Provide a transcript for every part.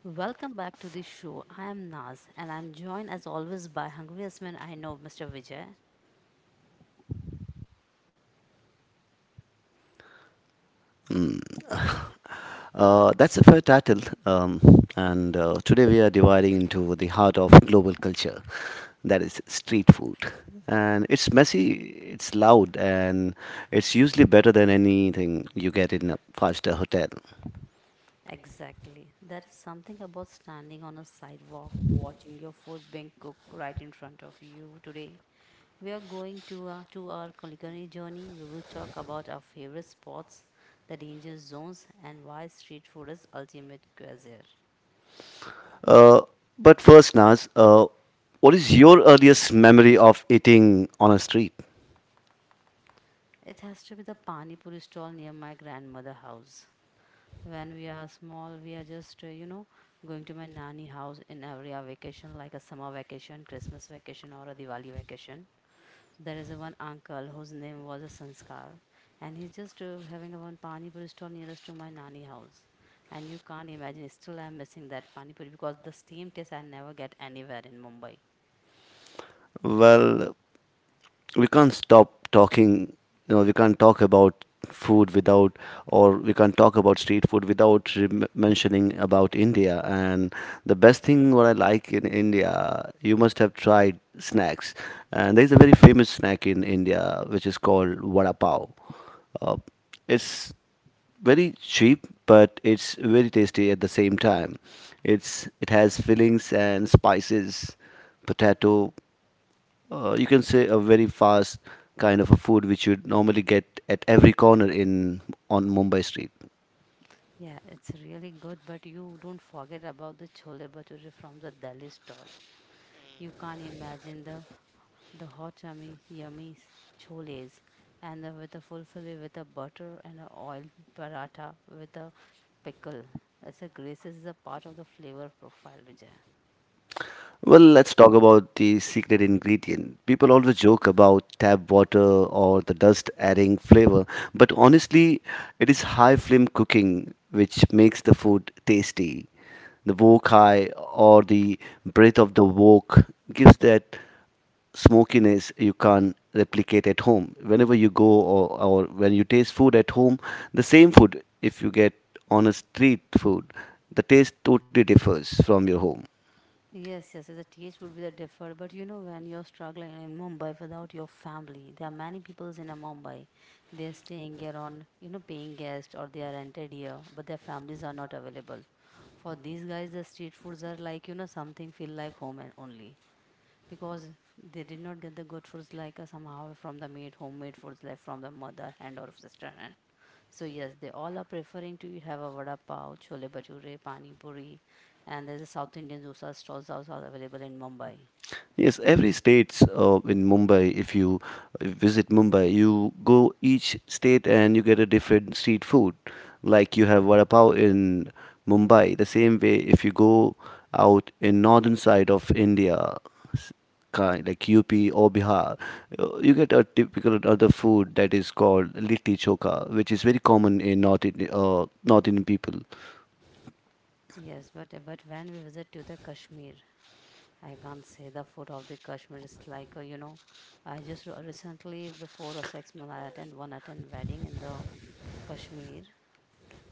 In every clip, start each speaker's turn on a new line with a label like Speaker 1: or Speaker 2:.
Speaker 1: Welcome back to the show. I am Naz and I'm joined as always by hungriest man I know, Mr. Vijay.
Speaker 2: That's a fair title, um, and today we are dividing into the heart of global culture, that is street food. And it's messy, it's loud, and it's usually better than anything you get in a five-star hotel.
Speaker 1: Exactly. There is something about standing on a sidewalk watching your food being cooked right in front of you today. We are going to our culinary journey. We will talk about our favorite spots, the danger zones, and why street food is ultimate cuisine.
Speaker 2: Uh, but first, Naz, what is your earliest memory of eating on a street?
Speaker 1: It has to be the pani puri stall near my grandmother house. When we are small, we are just, going to my nanny house in every vacation, like a summer vacation, Christmas vacation, or a Diwali vacation. So there is a one uncle whose name was a Sanskar, and he's just having a one pani puri stall nearest to my nanny house. And you can't imagine, still I'm missing that pani puri because the same taste I never get anywhere in Mumbai.
Speaker 2: Well, we can't stop talking. We can't talk about food without, or we can't talk about street food without mentioning about india, and the best thing what I like in india, you must have tried snacks. And there's a very famous snack in india which is called vada pav. uh, it's very cheap but it's very tasty at the same time. It has fillings and spices, potato. You can say a very fast kind of a food which you'd normally get at every corner in, on Mumbai street.
Speaker 1: Yeah, it's really good, but you don't forget about the chole bhature from the Delhi stall. You can't imagine the hot yummy yummy choles and the, with a fulfilling with a butter and a oil paratha with a pickle as a graces is a part of the flavor profile Vijay.
Speaker 2: Well, let's talk about the secret ingredient. People always joke about tap water or the dust adding flavor, but honestly, it is high flame cooking which makes the food tasty. The wok high or the breath of the wok gives that smokiness you can't replicate at home. Whenever you go or when you taste food at home, the same food, if you get on a street food, the taste totally differs from your home.
Speaker 1: Yes, yes, the TH would be the differ. But you know, when you're struggling in Mumbai without your family, there are many peoples in a Mumbai. They're staying here on, you know, paying guest or they are rented here, but their families are not available. For these guys, the street foods are like, you know, something feel like home and only, because they did not get the good foods like somehow from the made homemade foods like from the mother and or sister. And so yes, they all are preferring to eat, have a vada pav, chole bhature, pani puri. And there's a South Indian dosa stalls also are available in Mumbai.
Speaker 2: Yes, every states in Mumbai. If you visit Mumbai, you go each state and you get a different street food. Like you have vada pav in Mumbai. The same way, if you go out in northern side of India, s- kind like UP or Bihar, you get a typical other food that is called litti choka, which is very common in North Indian people.
Speaker 1: Yes, but when we visit to the Kashmir, I can't say the food of the Kashmir is like. I just recently before a 6 month I attend wedding in the Kashmir,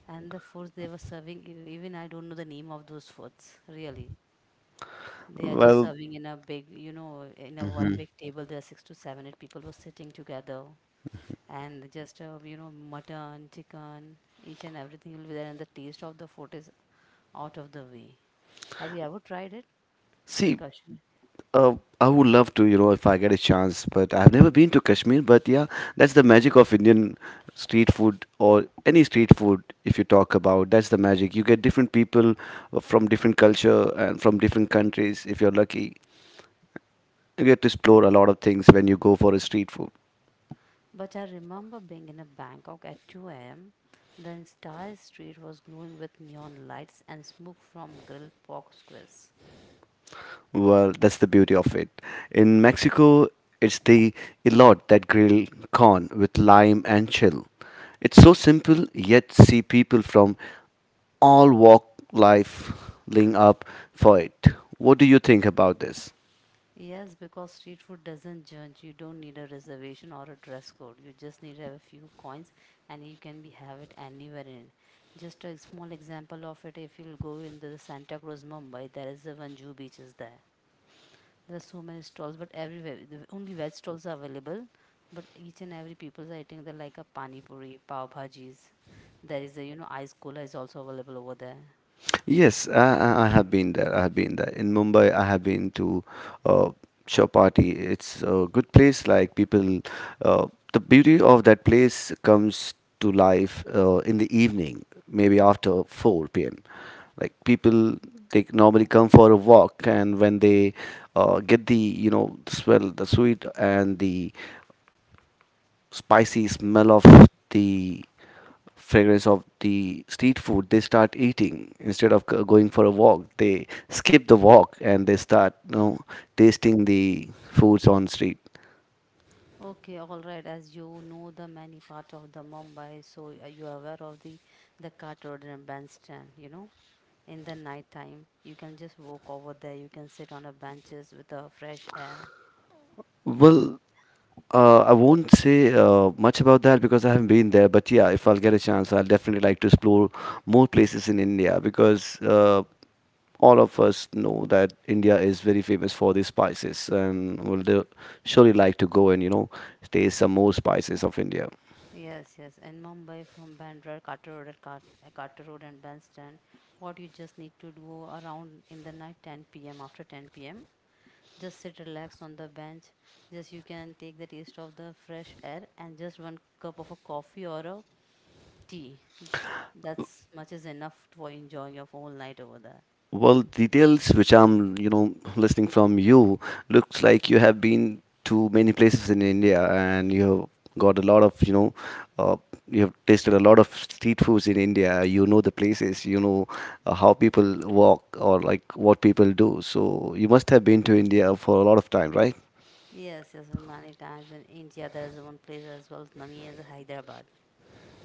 Speaker 1: and the foods they were serving, even I don't know the name of those foods really. They are just
Speaker 2: Well,
Speaker 1: serving in a big, you know, in a one big table. There are six to seven, eight people were sitting together, and just mutton, chicken, each and everything will be there, and the taste of the food is out of the way. Have you ever tried it in
Speaker 2: see,
Speaker 1: Kashmir?
Speaker 2: Uh, I would love to, you know, if I get a chance, but I've never been to Kashmir. But yeah, that's the magic of Indian street food or any street food, if you talk about. That's the magic. You get different people from different culture and from different countries, if you're lucky. You get to explore a lot of things when you go for a street food.
Speaker 1: But I remember being in a Bangkok at 2 a.m. The entire street was glowing with neon lights and smoke from grilled pork squares.
Speaker 2: Well, that's the beauty of it. In Mexico, it's the elote, that grilled corn with lime and chill. It's so simple, yet see people from all walk life lining up for it. What do you think about this?
Speaker 1: Yes, because street food doesn't judge. You don't need a reservation or a dress code. You just need to have a few coins and you can be have it anywhere in. Just a small example of it, if you'll go into the Santa Cruz, Mumbai, there is the one Jew beach is there. There are so many stalls, but everywhere the only veg stalls are available. But each and every people's, I think they like a pani puri, pav bhajis. There is a, you know, ice cola is also available over there.
Speaker 2: Yes, I have been there. I have been there. In Mumbai, I have been to uh, Chowpatty. It's a good place. Like people, uh, the beauty of that place comes to life in the evening, maybe after 4 p.m. Like people, they normally come for a walk, and when they get the, you know, the swell, the sweet, and the spicy smell of the fragrance of the street food, they start eating instead of going for a walk. They skip the walk and they start, you know, tasting the foods on street.
Speaker 1: Okay, all right. As you know, the many part of the Mumbai, so are you aware of the Cart Road and Bandstand. You know, in the night time, you can just walk over there. You can sit on the benches with the fresh air.
Speaker 2: Well, I won't say much about that because I haven't been there. But yeah, if I'll get a chance, I'll definitely like to explore more places in India because all of us know that India is very famous for the spices, and surely like to go and you know taste some more spices of India.
Speaker 1: Yes, yes. In Mumbai, from Bandra, Carter Road, and Carter Road, and Bandstand, what you just need to do around in the night, 10 p.m. After 10 p.m., just sit relaxed on the bench. Just you can take the taste of the fresh air and just one cup of a coffee or a tea. That's much is enough for enjoying your whole night over there.
Speaker 2: Well, details which I'm you know listening from you, looks like you have been to many places in India and you have got a lot of you know, uh, you have tasted a lot of street foods in India. You know the places, you know how people walk or like what people do. So you must have been to India for a lot of time, right?
Speaker 1: Yes, yes, so many times in India there is one place as well, Nami is Hyderabad.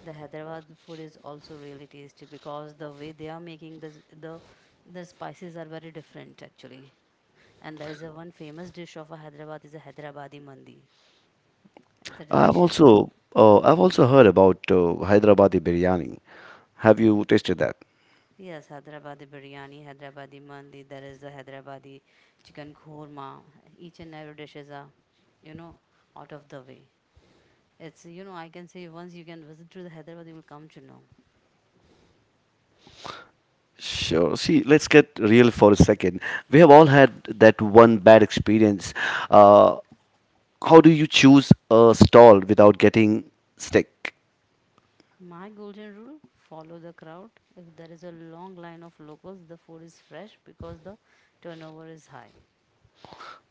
Speaker 1: The Hyderabad food is also really tasty because the way they are making the the spices are very different actually. And there is a one famous dish of a Hyderabad is a Hyderabadi mandi. It's a delicious.
Speaker 2: I've also heard about Hyderabadi biryani. Have you tasted that?
Speaker 1: Yes, Hyderabadi biryani, Hyderabadi mandi. There is the Hyderabadi chicken korma. Each and every dish is a, you know, out of the way. It's, you know, I can say once you can visit to the Hyderabad, you will come to know.
Speaker 2: Sure. See, let's get real for a second. We have all had that one bad experience. Uh, how do you choose a stall without getting sick?
Speaker 1: My golden rule, follow the crowd. If there is a long line of locals, the food is fresh because the turnover is high.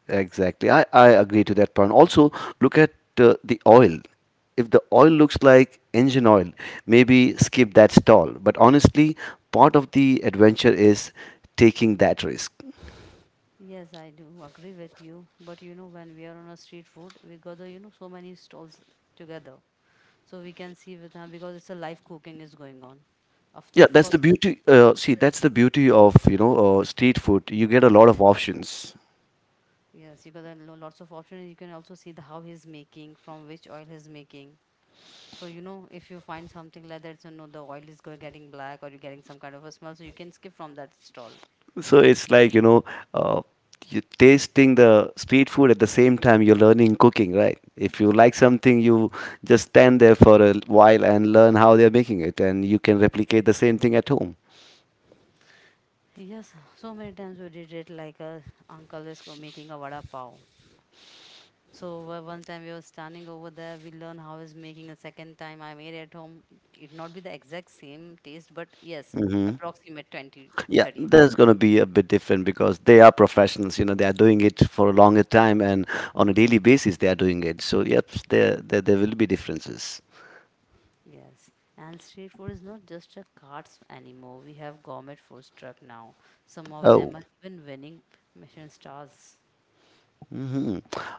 Speaker 2: Exactly. I agree to that point. Also, look at the oil. If the oil looks like engine oil, maybe skip that stall. But honestly, part of the adventure is taking that risk.
Speaker 1: Yes, I do agree with you. But you know, when we are on a street food, we gather, you know, so many stalls together. So we can see with them because it's a live cooking is going on. Of, the,
Speaker 2: Yeah,
Speaker 1: of
Speaker 2: that's the
Speaker 1: course, yes.
Speaker 2: beauty. See, that's the beauty of you know street food. You get a lot of options,
Speaker 1: Yes, you got a lots of options. You can also see the how he's making, from which oil he's making. So, you know, if you find something like that, so no, the oil is getting black or you're getting some kind of a smell, so you can skip from that stall.
Speaker 2: so it's like you know uh, you're tasting the street food at the same time you're learning cooking, right? If you like something, you just stand there for a while and learn how they're making it, and you can replicate the same thing at home.
Speaker 1: Yes, so many times we did it like a uncle is making a vada pav. So one time we were standing over there, we learn how is making. A second time I made at home, it not be the exact same taste, but yes,
Speaker 2: hmm
Speaker 1: approximate twenty
Speaker 2: Yeah,
Speaker 1: thirty.
Speaker 2: that's going to be a bit different because they are professionals. You know, they are doing it for a longer time and on a daily basis they are doing it. So, yep, there will be differences.
Speaker 1: Yes, and street food is not just a carts anymore. We have gourmet food truck now. Some of
Speaker 2: Oh.
Speaker 1: them are even winning Michelin stars.
Speaker 2: hmm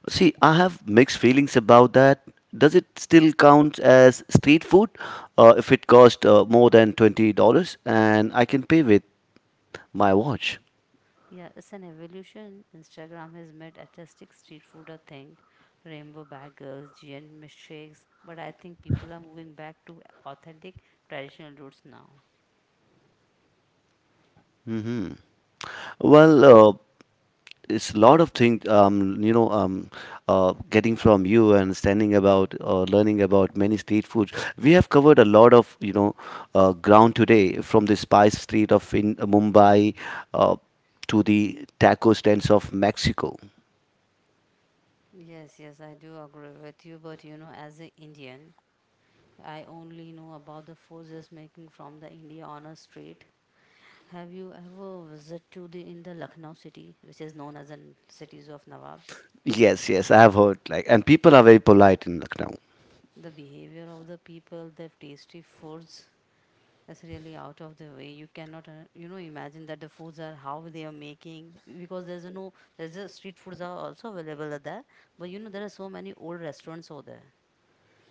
Speaker 2: See, I have mixed feelings about that. Does it still count as street food if it cost more than $20 and I can pay with my watch?
Speaker 1: Yeah, it's an evolution. Instagram has made artistic street food a thing, rainbow bagels, giant milkshakes, but I think people are moving back to authentic traditional roots now.
Speaker 2: Well, it's a lot of things, you know, getting from you and standing about or learning about many street foods. We have covered a lot of, you know, ground today, from the spice street of in Mumbai uh, to the taco stands of Mexico.
Speaker 1: Yes, yes, I do agree with you, but you know, as an Indian, I only know about the forces making from the India honor street. Have you ever visited to the in the Lucknow city, which is known as the cities of Nawabs?
Speaker 2: Yes, yes, I have heard like, and people are very polite in Lucknow.
Speaker 1: The behavior of the people, their tasty foods, is really out of the way. You cannot, imagine that the foods are how they are making because there's a no, there's a street foods are also available out there, but you know there are so many old restaurants over there,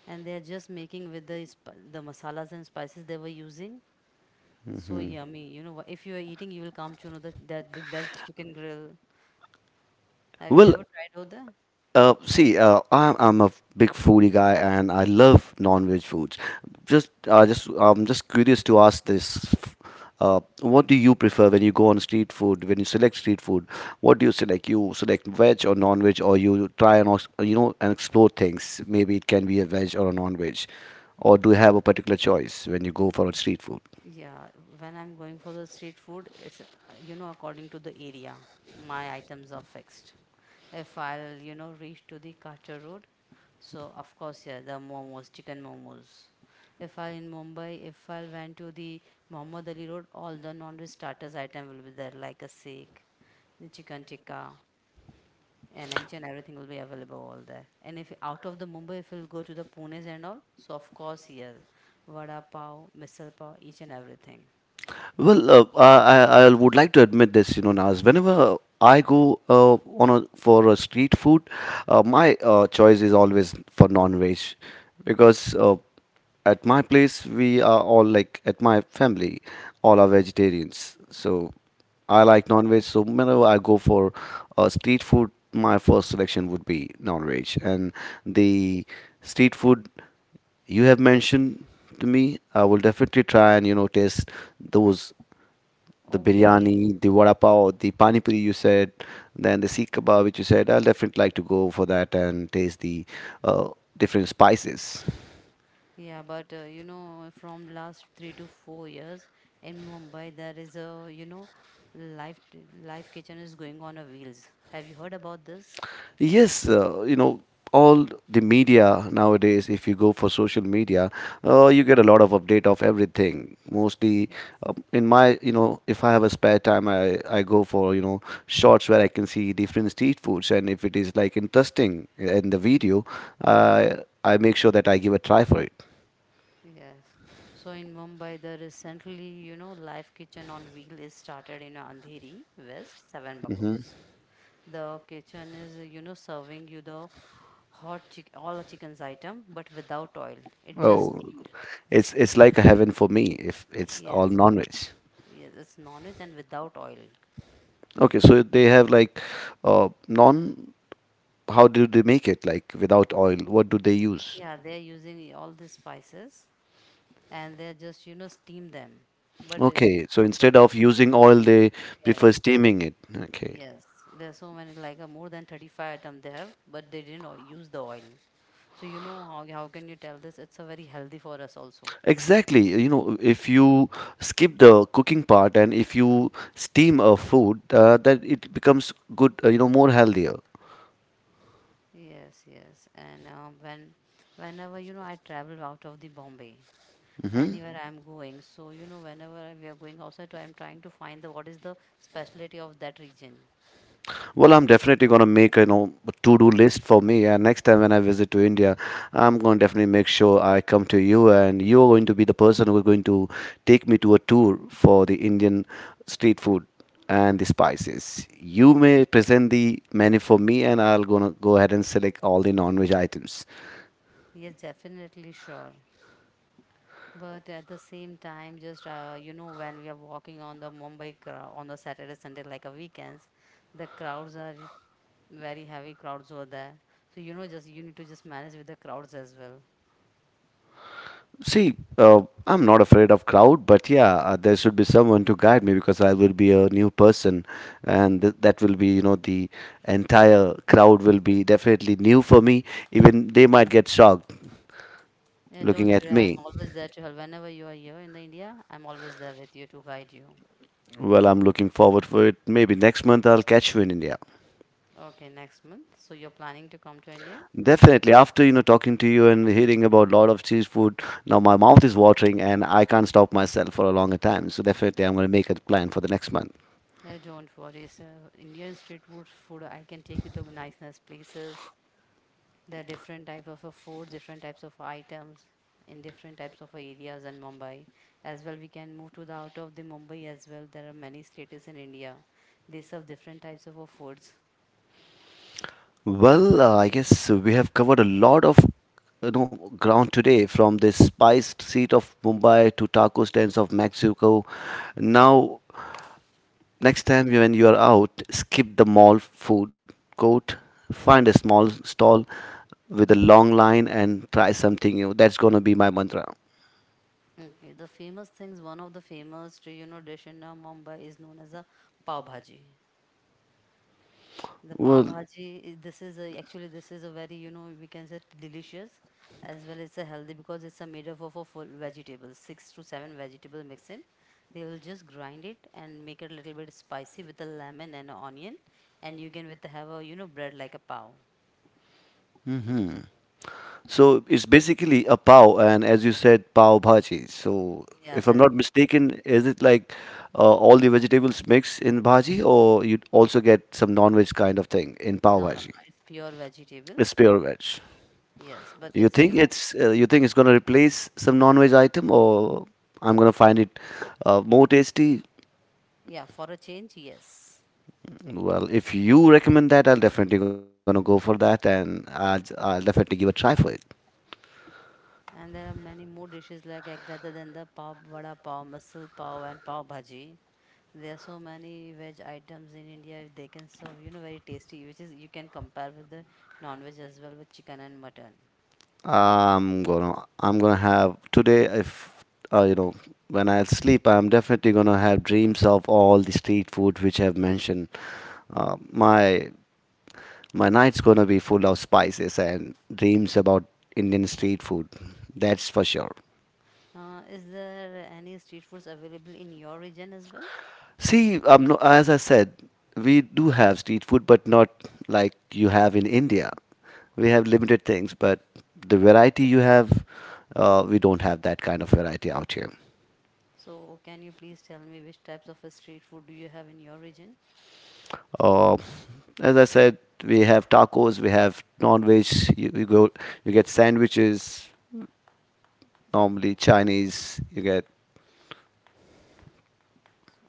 Speaker 1: and they are just making with the the masalas and spices they were using. It's so yummy. You know, if you are eating, you will come to know that that chicken grill. Have you
Speaker 2: Well,
Speaker 1: ever tried out there?
Speaker 2: see, I'm a big foodie guy, and I love non-veg foods. I'm just curious to ask this: What do you prefer when you go on street food? When you select street food, what do you select? You select veg or non-veg, or you try and also, you know and explore things. Maybe it can be a veg or a non-veg, or do you have a particular choice when you go for a street food?
Speaker 1: Yeah, when I'm going for the street food, it's you know according to the area, my items are fixed. If I'll you know reach to the Carter Road, so of course, yeah, the momos, chicken momos. If I in Mumbai, if I went to the Muhammad Ali Road, all the non-veg starters item will be there, like a sikh, the chicken tikka, and each and everything will be available all there. And if out of the Mumbai, if we'll go to the Pune's and all, so of course, yes, vada pav, misal pav, each and everything.
Speaker 2: Well, I would like to admit this, you know, Naz. Whenever I go for a street food, my choice is always for non-veg because at my place we are all like at my family, all are vegetarians. So I like non-veg. So whenever I go for street food, my first selection would be non-veg, and the street food you have mentioned to me, I will definitely try and you know taste those, the
Speaker 1: Okay,
Speaker 2: biryani, the vada pav, the pani puri you said, then the seek kebab which you said. I'll definitely like to go for that and taste the uh, different spices.
Speaker 1: yeah, but you know, from last 3 to 4 years in Mumbai, there is a you know, life life kitchen is going on a wheels. Have you heard about this?
Speaker 2: Yes, you know all the media nowadays. If you go for social media, you get a lot of update of everything. Mostly
Speaker 1: Yes.
Speaker 2: in my you know if I have a spare time, I go for you know shots where I can see different street foods, and if it is like interesting in the video, I I make sure that I give a try for it.
Speaker 1: Yes. So in Mumbai, there is centrally, you know, live kitchen on wheel is started in Andheri West, seven bungalows. The kitchen is, you know, serving you the hot chick all the chicken's item, but without oil. It just
Speaker 2: Oh,
Speaker 1: steamed.
Speaker 2: it's like a heaven for me if it's all
Speaker 1: Yes.
Speaker 2: non-veg.
Speaker 1: Yes, it's non-veg and without oil.
Speaker 2: Okay, so they have like non. How do they make it? Like without oil, what do they use?
Speaker 1: Yeah, they're using e, all the spices and they're just, you know, steam them. But uh,
Speaker 2: Okay, so
Speaker 1: but
Speaker 2: instead of
Speaker 1: that's-
Speaker 2: using oil, they
Speaker 1: yes,
Speaker 2: prefer steaming it. Okay.
Speaker 1: yes, there are so many like more than 35 items they have, but they didn't use the oil. So you know how can you tell this? It's a very healthy for us also.
Speaker 2: Exactly. You know, if you skip the cooking part and if you steam a food, that it becomes good, you know, more healthier.
Speaker 1: Yes, yes. And whenever you know I travel out of the Bombay,
Speaker 2: Mhm.
Speaker 1: anywhere I'm going, so you know whenever we are going outside, so I'm trying to find the what is the specialty of that region.
Speaker 2: Well, I'm definitely gonna make you know a to-do list for me, and next time when I visit to India, I'm gonna definitely make sure I come to you, and you're going to be the person who's going to take me to a tour for the Indian street food and the spices. You may present the menu for me, and I'll gonna go ahead and select all the non-veg items.
Speaker 1: Yes, definitely sure. But at the same time, just you know, when we are walking on the Mumbai crowd on the Saturday, Sunday, like a weekends, the crowds are very heavy crowds over there. So you know, just you need to just manage with the crowds as well.
Speaker 2: See, I'm not afraid of crowd, but yeah, there should be someone to guide me because I will be a new person, and that will be, you know, the entire crowd will be definitely new for me. Even they might get shocked
Speaker 1: Yeah,
Speaker 2: looking
Speaker 1: don't
Speaker 2: at
Speaker 1: worry. I'm
Speaker 2: me.
Speaker 1: always there to help. Whenever you are here in the India, I'm always there with you to guide you.
Speaker 2: Well, I'm looking forward for it. Maybe next month I'll catch you in India.
Speaker 1: Okay, next month. So you're planning to come to India?
Speaker 2: Definitely. After, you know, talking to you and hearing about lot of cheese food, now my mouth is watering and I can't stop myself for a longer time. So definitely, I'm going to make a plan for the next month.
Speaker 1: Don't worry. So Indian street food, I can take you to nice, nice places. There are different types of food, different types of items in different types of areas in Mumbai. As well, we can move to the out of the Mumbai as well. There are many states in India. They serve different types of foods.
Speaker 2: Well, I guess we have covered a lot of you know ground today, from the spiced seat of Mumbai to taco stands of Mexico. Now, next time when you are out, skip the mall food court, find a small stall with a long line, and try something new. That's gonna be my mantra.
Speaker 1: Okay, the famous things, one of the famous, dish in Mumbai is known as a pav bhaji. The pav
Speaker 2: Well,
Speaker 1: bhaji, this is a, actually this is a very, we can say delicious as well as a healthy because it's a made up of a full vegetables, 6 to 7 vegetable mix in. They will just grind it and make it a little bit spicy with a lemon and a onion, and you can with have a bread like a pav.
Speaker 2: hmm so it's basically a pav, and as you said, pav bhaji. So
Speaker 1: Yeah,
Speaker 2: if
Speaker 1: that
Speaker 2: I'm
Speaker 1: is-
Speaker 2: not mistaken, is it like all the vegetables mixed in bhaji, or you also get some non-veg kind of thing in pav
Speaker 1: No, no,
Speaker 2: bhaji?
Speaker 1: no, it's pure vegetable.
Speaker 2: It's pure veg.
Speaker 1: Yes, but it's you know
Speaker 2: You think it's gonna replace some non-veg item, or I'm gonna find it more tasty?
Speaker 1: yeah for a change yes.
Speaker 2: Well, if you recommend that, I'll definitely gonna go for that, and I'll definitely give a try for it.
Speaker 1: And there are many more dishes like, rather than the pav, vada pav, masal pav, and pav bhaji. There are so many veg items in India. They can serve, you know, very tasty, which is you can compare with the non-veg as well with chicken and mutton.
Speaker 2: I'm gonna I'm gonna have today if uh, you know when I sleep I'm definitely gonna have dreams of all the street food which I've mentioned. Uh, my my night's gonna be full of spices and dreams about Indian street food. That's for sure.
Speaker 1: Is there any street foods available in your region as well?
Speaker 2: See, no, as I said, we do have street food, but not like you have in India. We have limited things, but the variety you have, we don't have that kind of variety out here.
Speaker 1: So can you please tell me which types of a street food do you have in your region?
Speaker 2: Uh, as I said, we have tacos, we have non-veg. You go, you get sandwiches. Normally Chinese, you get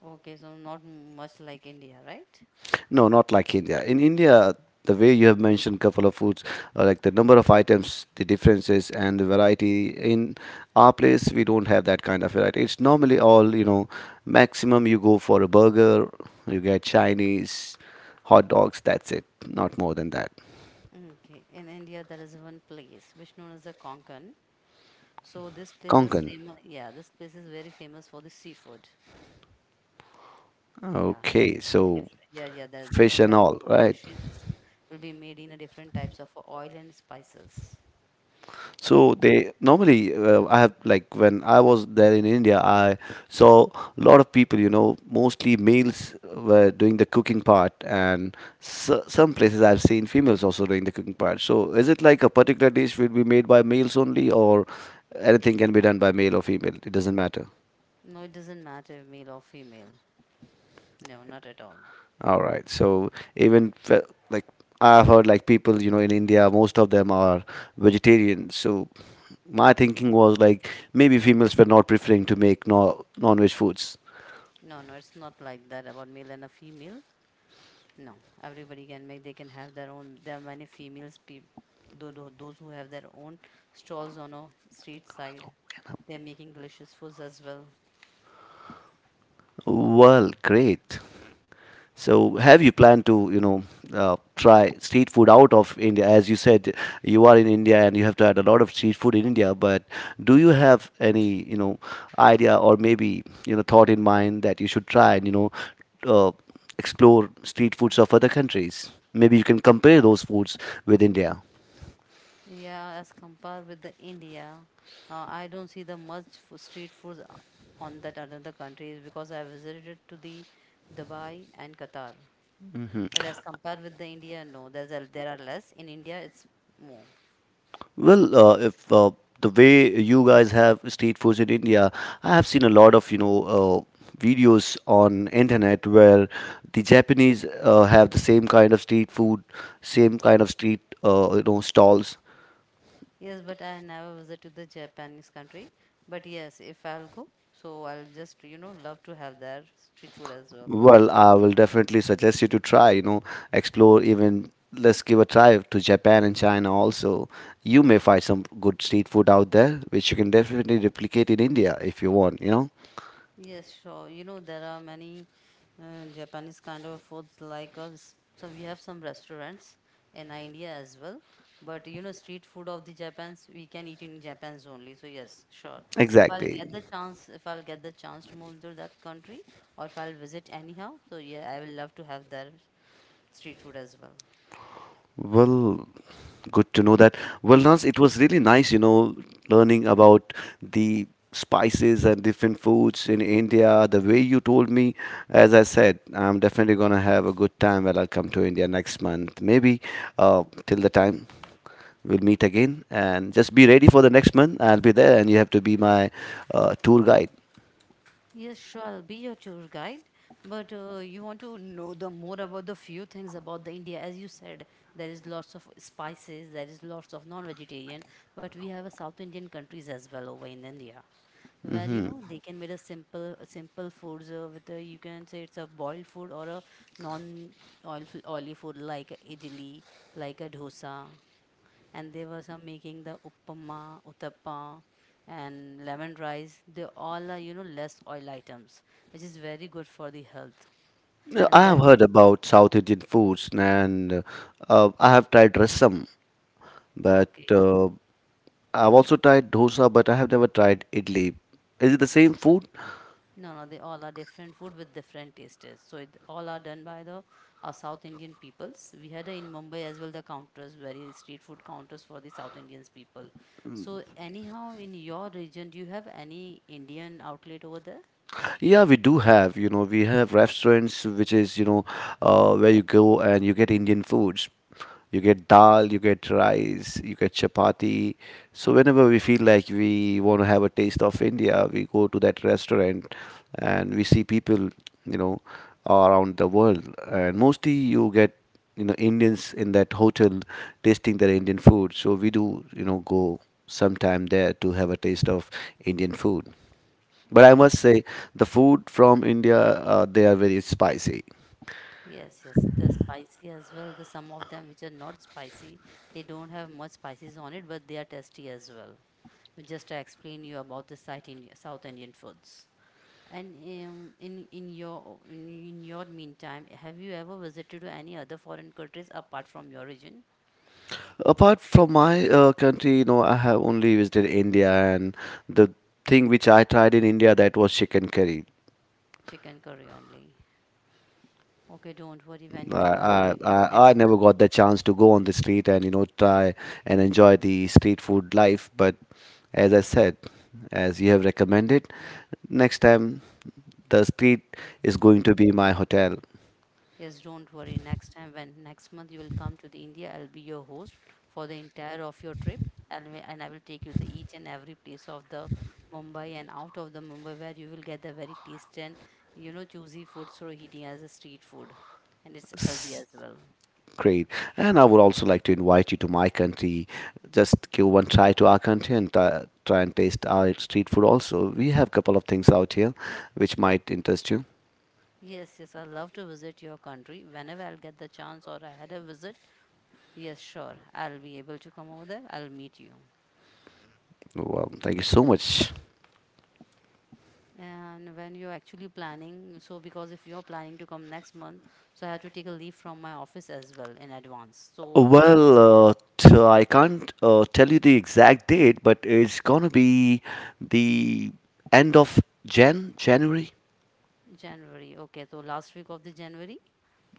Speaker 1: Okay, so not much like India, right?
Speaker 2: no, not like India. In India, the way you have mentioned couple of foods, like the number of items, the differences, and the variety. In our place, we don't have that kind of variety. It's normally all you know. Maximum, you go for a burger, you get Chinese, hot dogs. That's it. Not more than that.
Speaker 1: Okay, in India there is one place which known as the Konkan. So this place is
Speaker 2: Konkan.
Speaker 1: famous. Yeah, this place is very famous for the seafood. Yeah,
Speaker 2: Okay,
Speaker 1: yeah,
Speaker 2: so
Speaker 1: different. Yeah, yeah. The
Speaker 2: fish
Speaker 1: different
Speaker 2: and
Speaker 1: type of
Speaker 2: all right.
Speaker 1: fishes will be made in a different types of oil and spices.
Speaker 2: So they normally I have like when I was there in India I saw a lot of people you know mostly males were doing the cooking part. And so, some places I've seen females also doing the cooking part. So is it like a particular dish will be made by males only, or anything can be done by male or female, it doesn't matter?
Speaker 1: No, it doesn't matter male or female. No, not at all.
Speaker 2: All right, so even fe- like I've heard like people you know in India most of them are vegetarian. So my thinking was like maybe females were not preferring to make no, non-veg foods.
Speaker 1: No, no, it's not like that about male and a female. No, everybody can make. They can have their own. There are many females. People, those who have their own stalls on a street side, they're making delicious foods as well.
Speaker 2: Well, great. So, have you planned to, you know, try street food out of India? As you said, you are in India and you have tried a lot of street food in India. But do you have any, you know, idea or maybe you know thought in mind that you should try and uh, explore street foods of other countries? Maybe you can compare those foods with India.
Speaker 1: Yeah, as compared with the India, I don't see the much street foods on that another countries because I visited to the Dubai and Qatar. But as compared with the India, no, there's a, there are less. In India, it's more.
Speaker 2: Well, if the way you guys have street foods in India, I have seen a lot of you know videos on internet where the Japanese have the same kind of street food, same kind of street you know stalls.
Speaker 1: Yes, but I never visit to the Japanese country. But yes, if I'll go, so I'll just you know love to have their street food as well.
Speaker 2: Well, I will definitely suggest you to try. You know, explore even. Let's give a try to Japan and China also. You may find some good street food out there, which you can definitely replicate in India if you want. You know,
Speaker 1: Yes, sure. You know, there are many Japanese kind of foods like us. So we have some restaurants in India as well. But you know, street food of the Japans, we can eat in Japan's only. So yes, sure. If I'll
Speaker 2: exactly.
Speaker 1: get the chance, if I'll get the chance to move to that country, or if I'll visit anyhow, so yeah, I will love to have their street food as well.
Speaker 2: Well, good to know that. Well, Naz, it was really nice, you know, learning about the spices and different foods in India. The way you told me, as I said, I'm definitely gonna have a good time when I come to India next month. Maybe till the time we'll meet again, and just be ready for the next month. I'll be there, and you have to be my tour guide.
Speaker 1: Yes, sure. I'll be your tour guide. But you want to know the more about the few things about the India. As you said, there is lots of spices, there is lots of non-vegetarian, but we have a South Indian countries as well over in India, where you know they can make a simple simple foods with a, you can say it's a boiled food or a non oily food like a idli, like a dosa and they were some making the uppama, uttappa, and lemon rice. They all are you know less oil items, which is very good for the health.
Speaker 2: Yeah,
Speaker 1: And
Speaker 2: I have
Speaker 1: that's
Speaker 2: heard about South Indian foods, and I have tried rasam, but
Speaker 1: okay.
Speaker 2: uh, I've also tried dosa, but I have never tried idli. Is it the same food?
Speaker 1: No, no, they all are different food with different tastes. So it all are done by the South Indian peoples. We had in Mumbai as well the counters, very street food counters for the South Indians people. So anyhow, in your region, do you have any Indian outlet over there?
Speaker 2: Yeah, we do have, you know, we have restaurants which is, you know, where you go and you get Indian foods. You get dal, you get rice, you get chapati. So whenever we feel like we want to have a taste of India, we go to that restaurant and we see people, you know, around the world. And mostly you get, you know, Indians in that hotel tasting their Indian food. So we do, you know, go sometime there to have a taste of Indian food. But I
Speaker 1: Okay.
Speaker 2: must say, the food from India, they are very spicy.
Speaker 1: Yes, yes. The spicy as well. The some of them which are not spicy, they don't have much spices on it, but they are tasty as well. Just to explain you about the South Indian, South Indian foods. And in your in your meantime, have you ever visited to any other foreign countries apart from your region?
Speaker 2: Apart from my country, you know, I have only visited India, and the thing which I tried in India that was chicken curry.
Speaker 1: Chicken curry only. Okay, don't worry. When
Speaker 2: I,
Speaker 1: you now
Speaker 2: I,
Speaker 1: you if
Speaker 2: I I
Speaker 1: next
Speaker 2: never
Speaker 1: month.
Speaker 2: got the chance to go on the street and you know try and enjoy the street food life. But as I said, as you have recommended, next time the street is going to be my hotel.
Speaker 1: Yes, don't worry. Next time, when next month you will come to the India, I'll be your host for the entire of your trip, and and I will take you to each and every place of the Mumbai and out of the Mumbai, where you will get the very tasty and you know juicy food through eating as a street food, and it's healthy as well.
Speaker 2: Great. And I would also like to invite you to my country. Just give one try to our country and try, try and taste our street food also. We have a couple of things out here which might interest you.
Speaker 1: Yes, yes, I love to visit your country whenever I'll get the chance or I had a visit. Yes, sure, I'll be able to come over there. I'll meet you.
Speaker 2: Well, thank you so much.
Speaker 1: And when you're actually planning, so because if you're planning to come next month, so I have to take a leave from my office as well in advance. So
Speaker 2: Well, I can't tell you the exact date, but it's gonna be the end of January.
Speaker 1: January, okay, so last week of the January,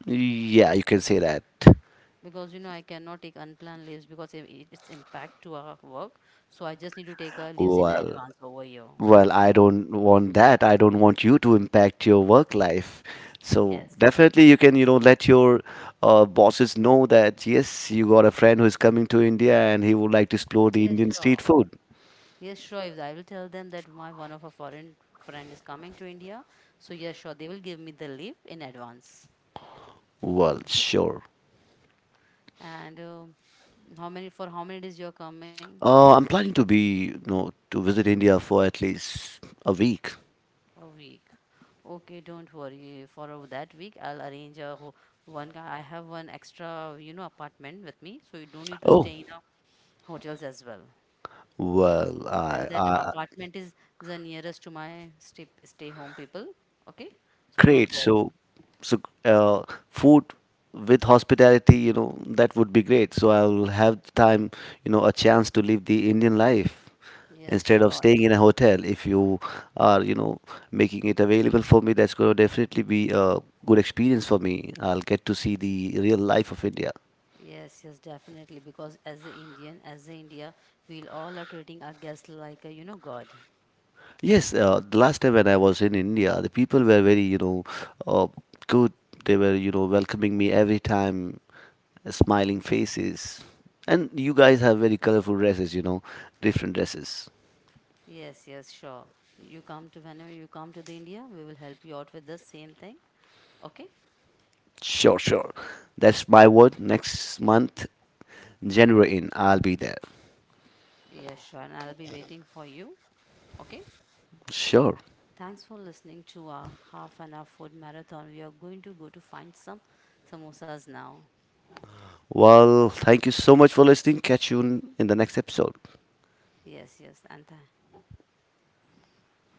Speaker 2: Yeah, you can say that.
Speaker 1: because you know I cannot take unplanned leaves because it's impact to our work. So I just need to take our leaves in
Speaker 2: Well,
Speaker 1: advance over here.
Speaker 2: Well, I don't want that. I don't want you to impact your work life. So
Speaker 1: Yes.
Speaker 2: definitely you can, you know, let your bosses know that yes, you got a friend who is coming to India and he would like to explore the
Speaker 1: Yes,
Speaker 2: Indian street
Speaker 1: sure.
Speaker 2: food.
Speaker 1: Yes, sure. If I will tell them that my one of a foreign friend is coming to India, so yes, sure, they will give me the leave in advance.
Speaker 2: Well, sure.
Speaker 1: And how many for how many days you're coming?
Speaker 2: I'm planning to be, you know, to visit India for at least a week.
Speaker 1: A week. Okay, don't worry. That week, I'll arrange a ho one guy. I have one extra, you know, apartment with me, so you don't need to
Speaker 2: Oh,
Speaker 1: stay in a hotels as well.
Speaker 2: well, I, I
Speaker 1: Apartment is the nearest to my stay stay home people. Okay, so don't
Speaker 2: great.
Speaker 1: worry.
Speaker 2: So, so food with hospitality, you know, that would be great. So I'll have time, you know, a chance to live the Indian life
Speaker 1: Yes,
Speaker 2: instead of
Speaker 1: sure.
Speaker 2: staying in a hotel. If you are, you know, making it available for me, that's going to definitely be a good experience for me. I'll get to see the real life of India.
Speaker 1: Yes, yes, definitely. Because as an Indian, as an India, we'll all are treating our guests like a, you know, God.
Speaker 2: Yes, the last time when I was in India, the people were very, you know, uh, good. They were, you know, welcoming me every time, smiling faces. And you guys have very colorful dresses, you know, different dresses.
Speaker 1: Yes, yes, sure. You come to whenever you come to the India, we will help you out with the same thing. Okay?
Speaker 2: Sure, sure. That's my word. Next month, January in, I'll be there.
Speaker 1: Yes, sure. And I'll be waiting for you. Okay.
Speaker 2: Sure.
Speaker 1: Thanks for listening to our half an hour food marathon. We are going to go to find some samosas now.
Speaker 2: Well, thank you so much for listening. Catch you in the next episode.
Speaker 1: Yes, yes.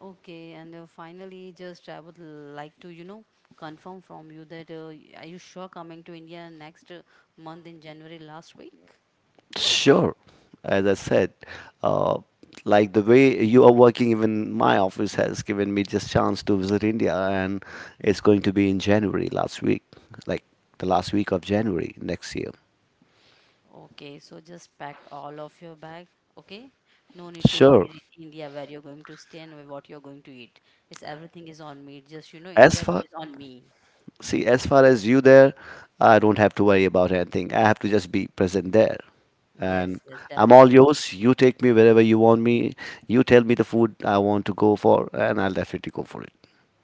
Speaker 1: Okay. And finally, just I would like to, you know, confirm from you that are you sure coming to India next month in January last week?
Speaker 2: Sure. As I said, uh, like the way you are working, even my office has given me just chance to visit India, and it's going to be in January last week, like the last week of January next year.
Speaker 1: Okay. So just packed all of your bag. Okay. No need to worry
Speaker 2: Sure.
Speaker 1: in India where you're going to stay and what you're going to eat. It's everything is on me. Just, you know,
Speaker 2: As
Speaker 1: India
Speaker 2: far
Speaker 1: today is on me.
Speaker 2: see, as far as you there, I don't have to worry about anything. I have to just be present there, and
Speaker 1: Yes, yes,
Speaker 2: I'm all
Speaker 1: definitely.
Speaker 2: yours. You take me wherever you want me. You tell me the food I want to go for, and I'll definitely go for it.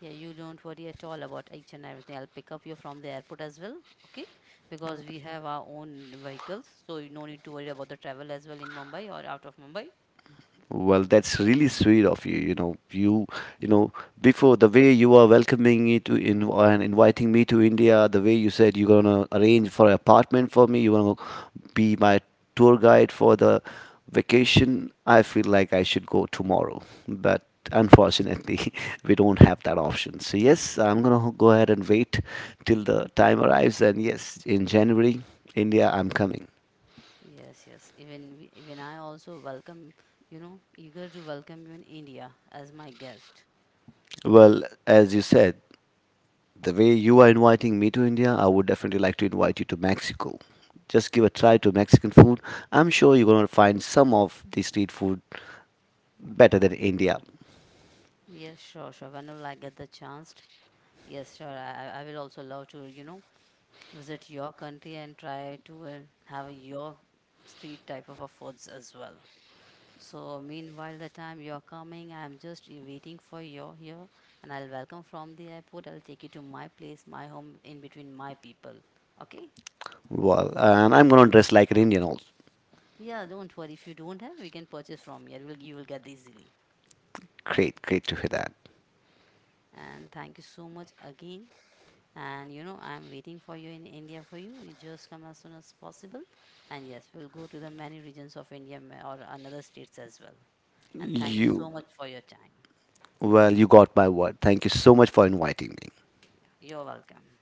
Speaker 1: Yeah, you don't worry at all about each and everything. I'll pick up you from the airport as well, okay? Because we have our own vehicles, so you no need to worry about the travel as well in Mumbai or out of Mumbai.
Speaker 2: Well, that's really sweet of you. You know, you know before the way you are welcoming me to in and inviting me to India, the way you said you're gonna arrange for an apartment for me, you're gonna be my tour guide for the vacation. I feel like I should go tomorrow, but unfortunately, we don't have that option. So yes, I'm gonna go ahead and wait till the time arrives. And yes, in January, India, I'm coming.
Speaker 1: Yes, yes. Even I also welcome, you know, eager to welcome you in India as my guest.
Speaker 2: Well, as you said. The way you are inviting me to India, I would definitely like to invite you to Mexico. Just give a try to Mexican food. I'm sure you're going to find some of the street food better than India.
Speaker 1: Yes, sure, sure. Whenever I get the chance, yes, sure. I will also love to, you know, visit your country and try to have your street type of a foods as well. So meanwhile, the time you're coming, I'm just waiting for you here, and I'll welcome from the airport. I'll take you to my place, my home, in between my people. Okay?
Speaker 2: Well, and I'm going to dress like an Indian also.
Speaker 1: Yeah, don't worry. If you don't have, we can purchase from here. You will get easily.
Speaker 2: Great, great to hear that.
Speaker 1: And thank you so much again. And you know, I'm waiting for you in India for you. You just come as soon as possible. And yes, we'll go to the many regions of India or another states as well. And thank you
Speaker 2: You,
Speaker 1: so much for your time.
Speaker 2: well, you got my word. Thank you so much for inviting me.
Speaker 1: Yeah, you're welcome.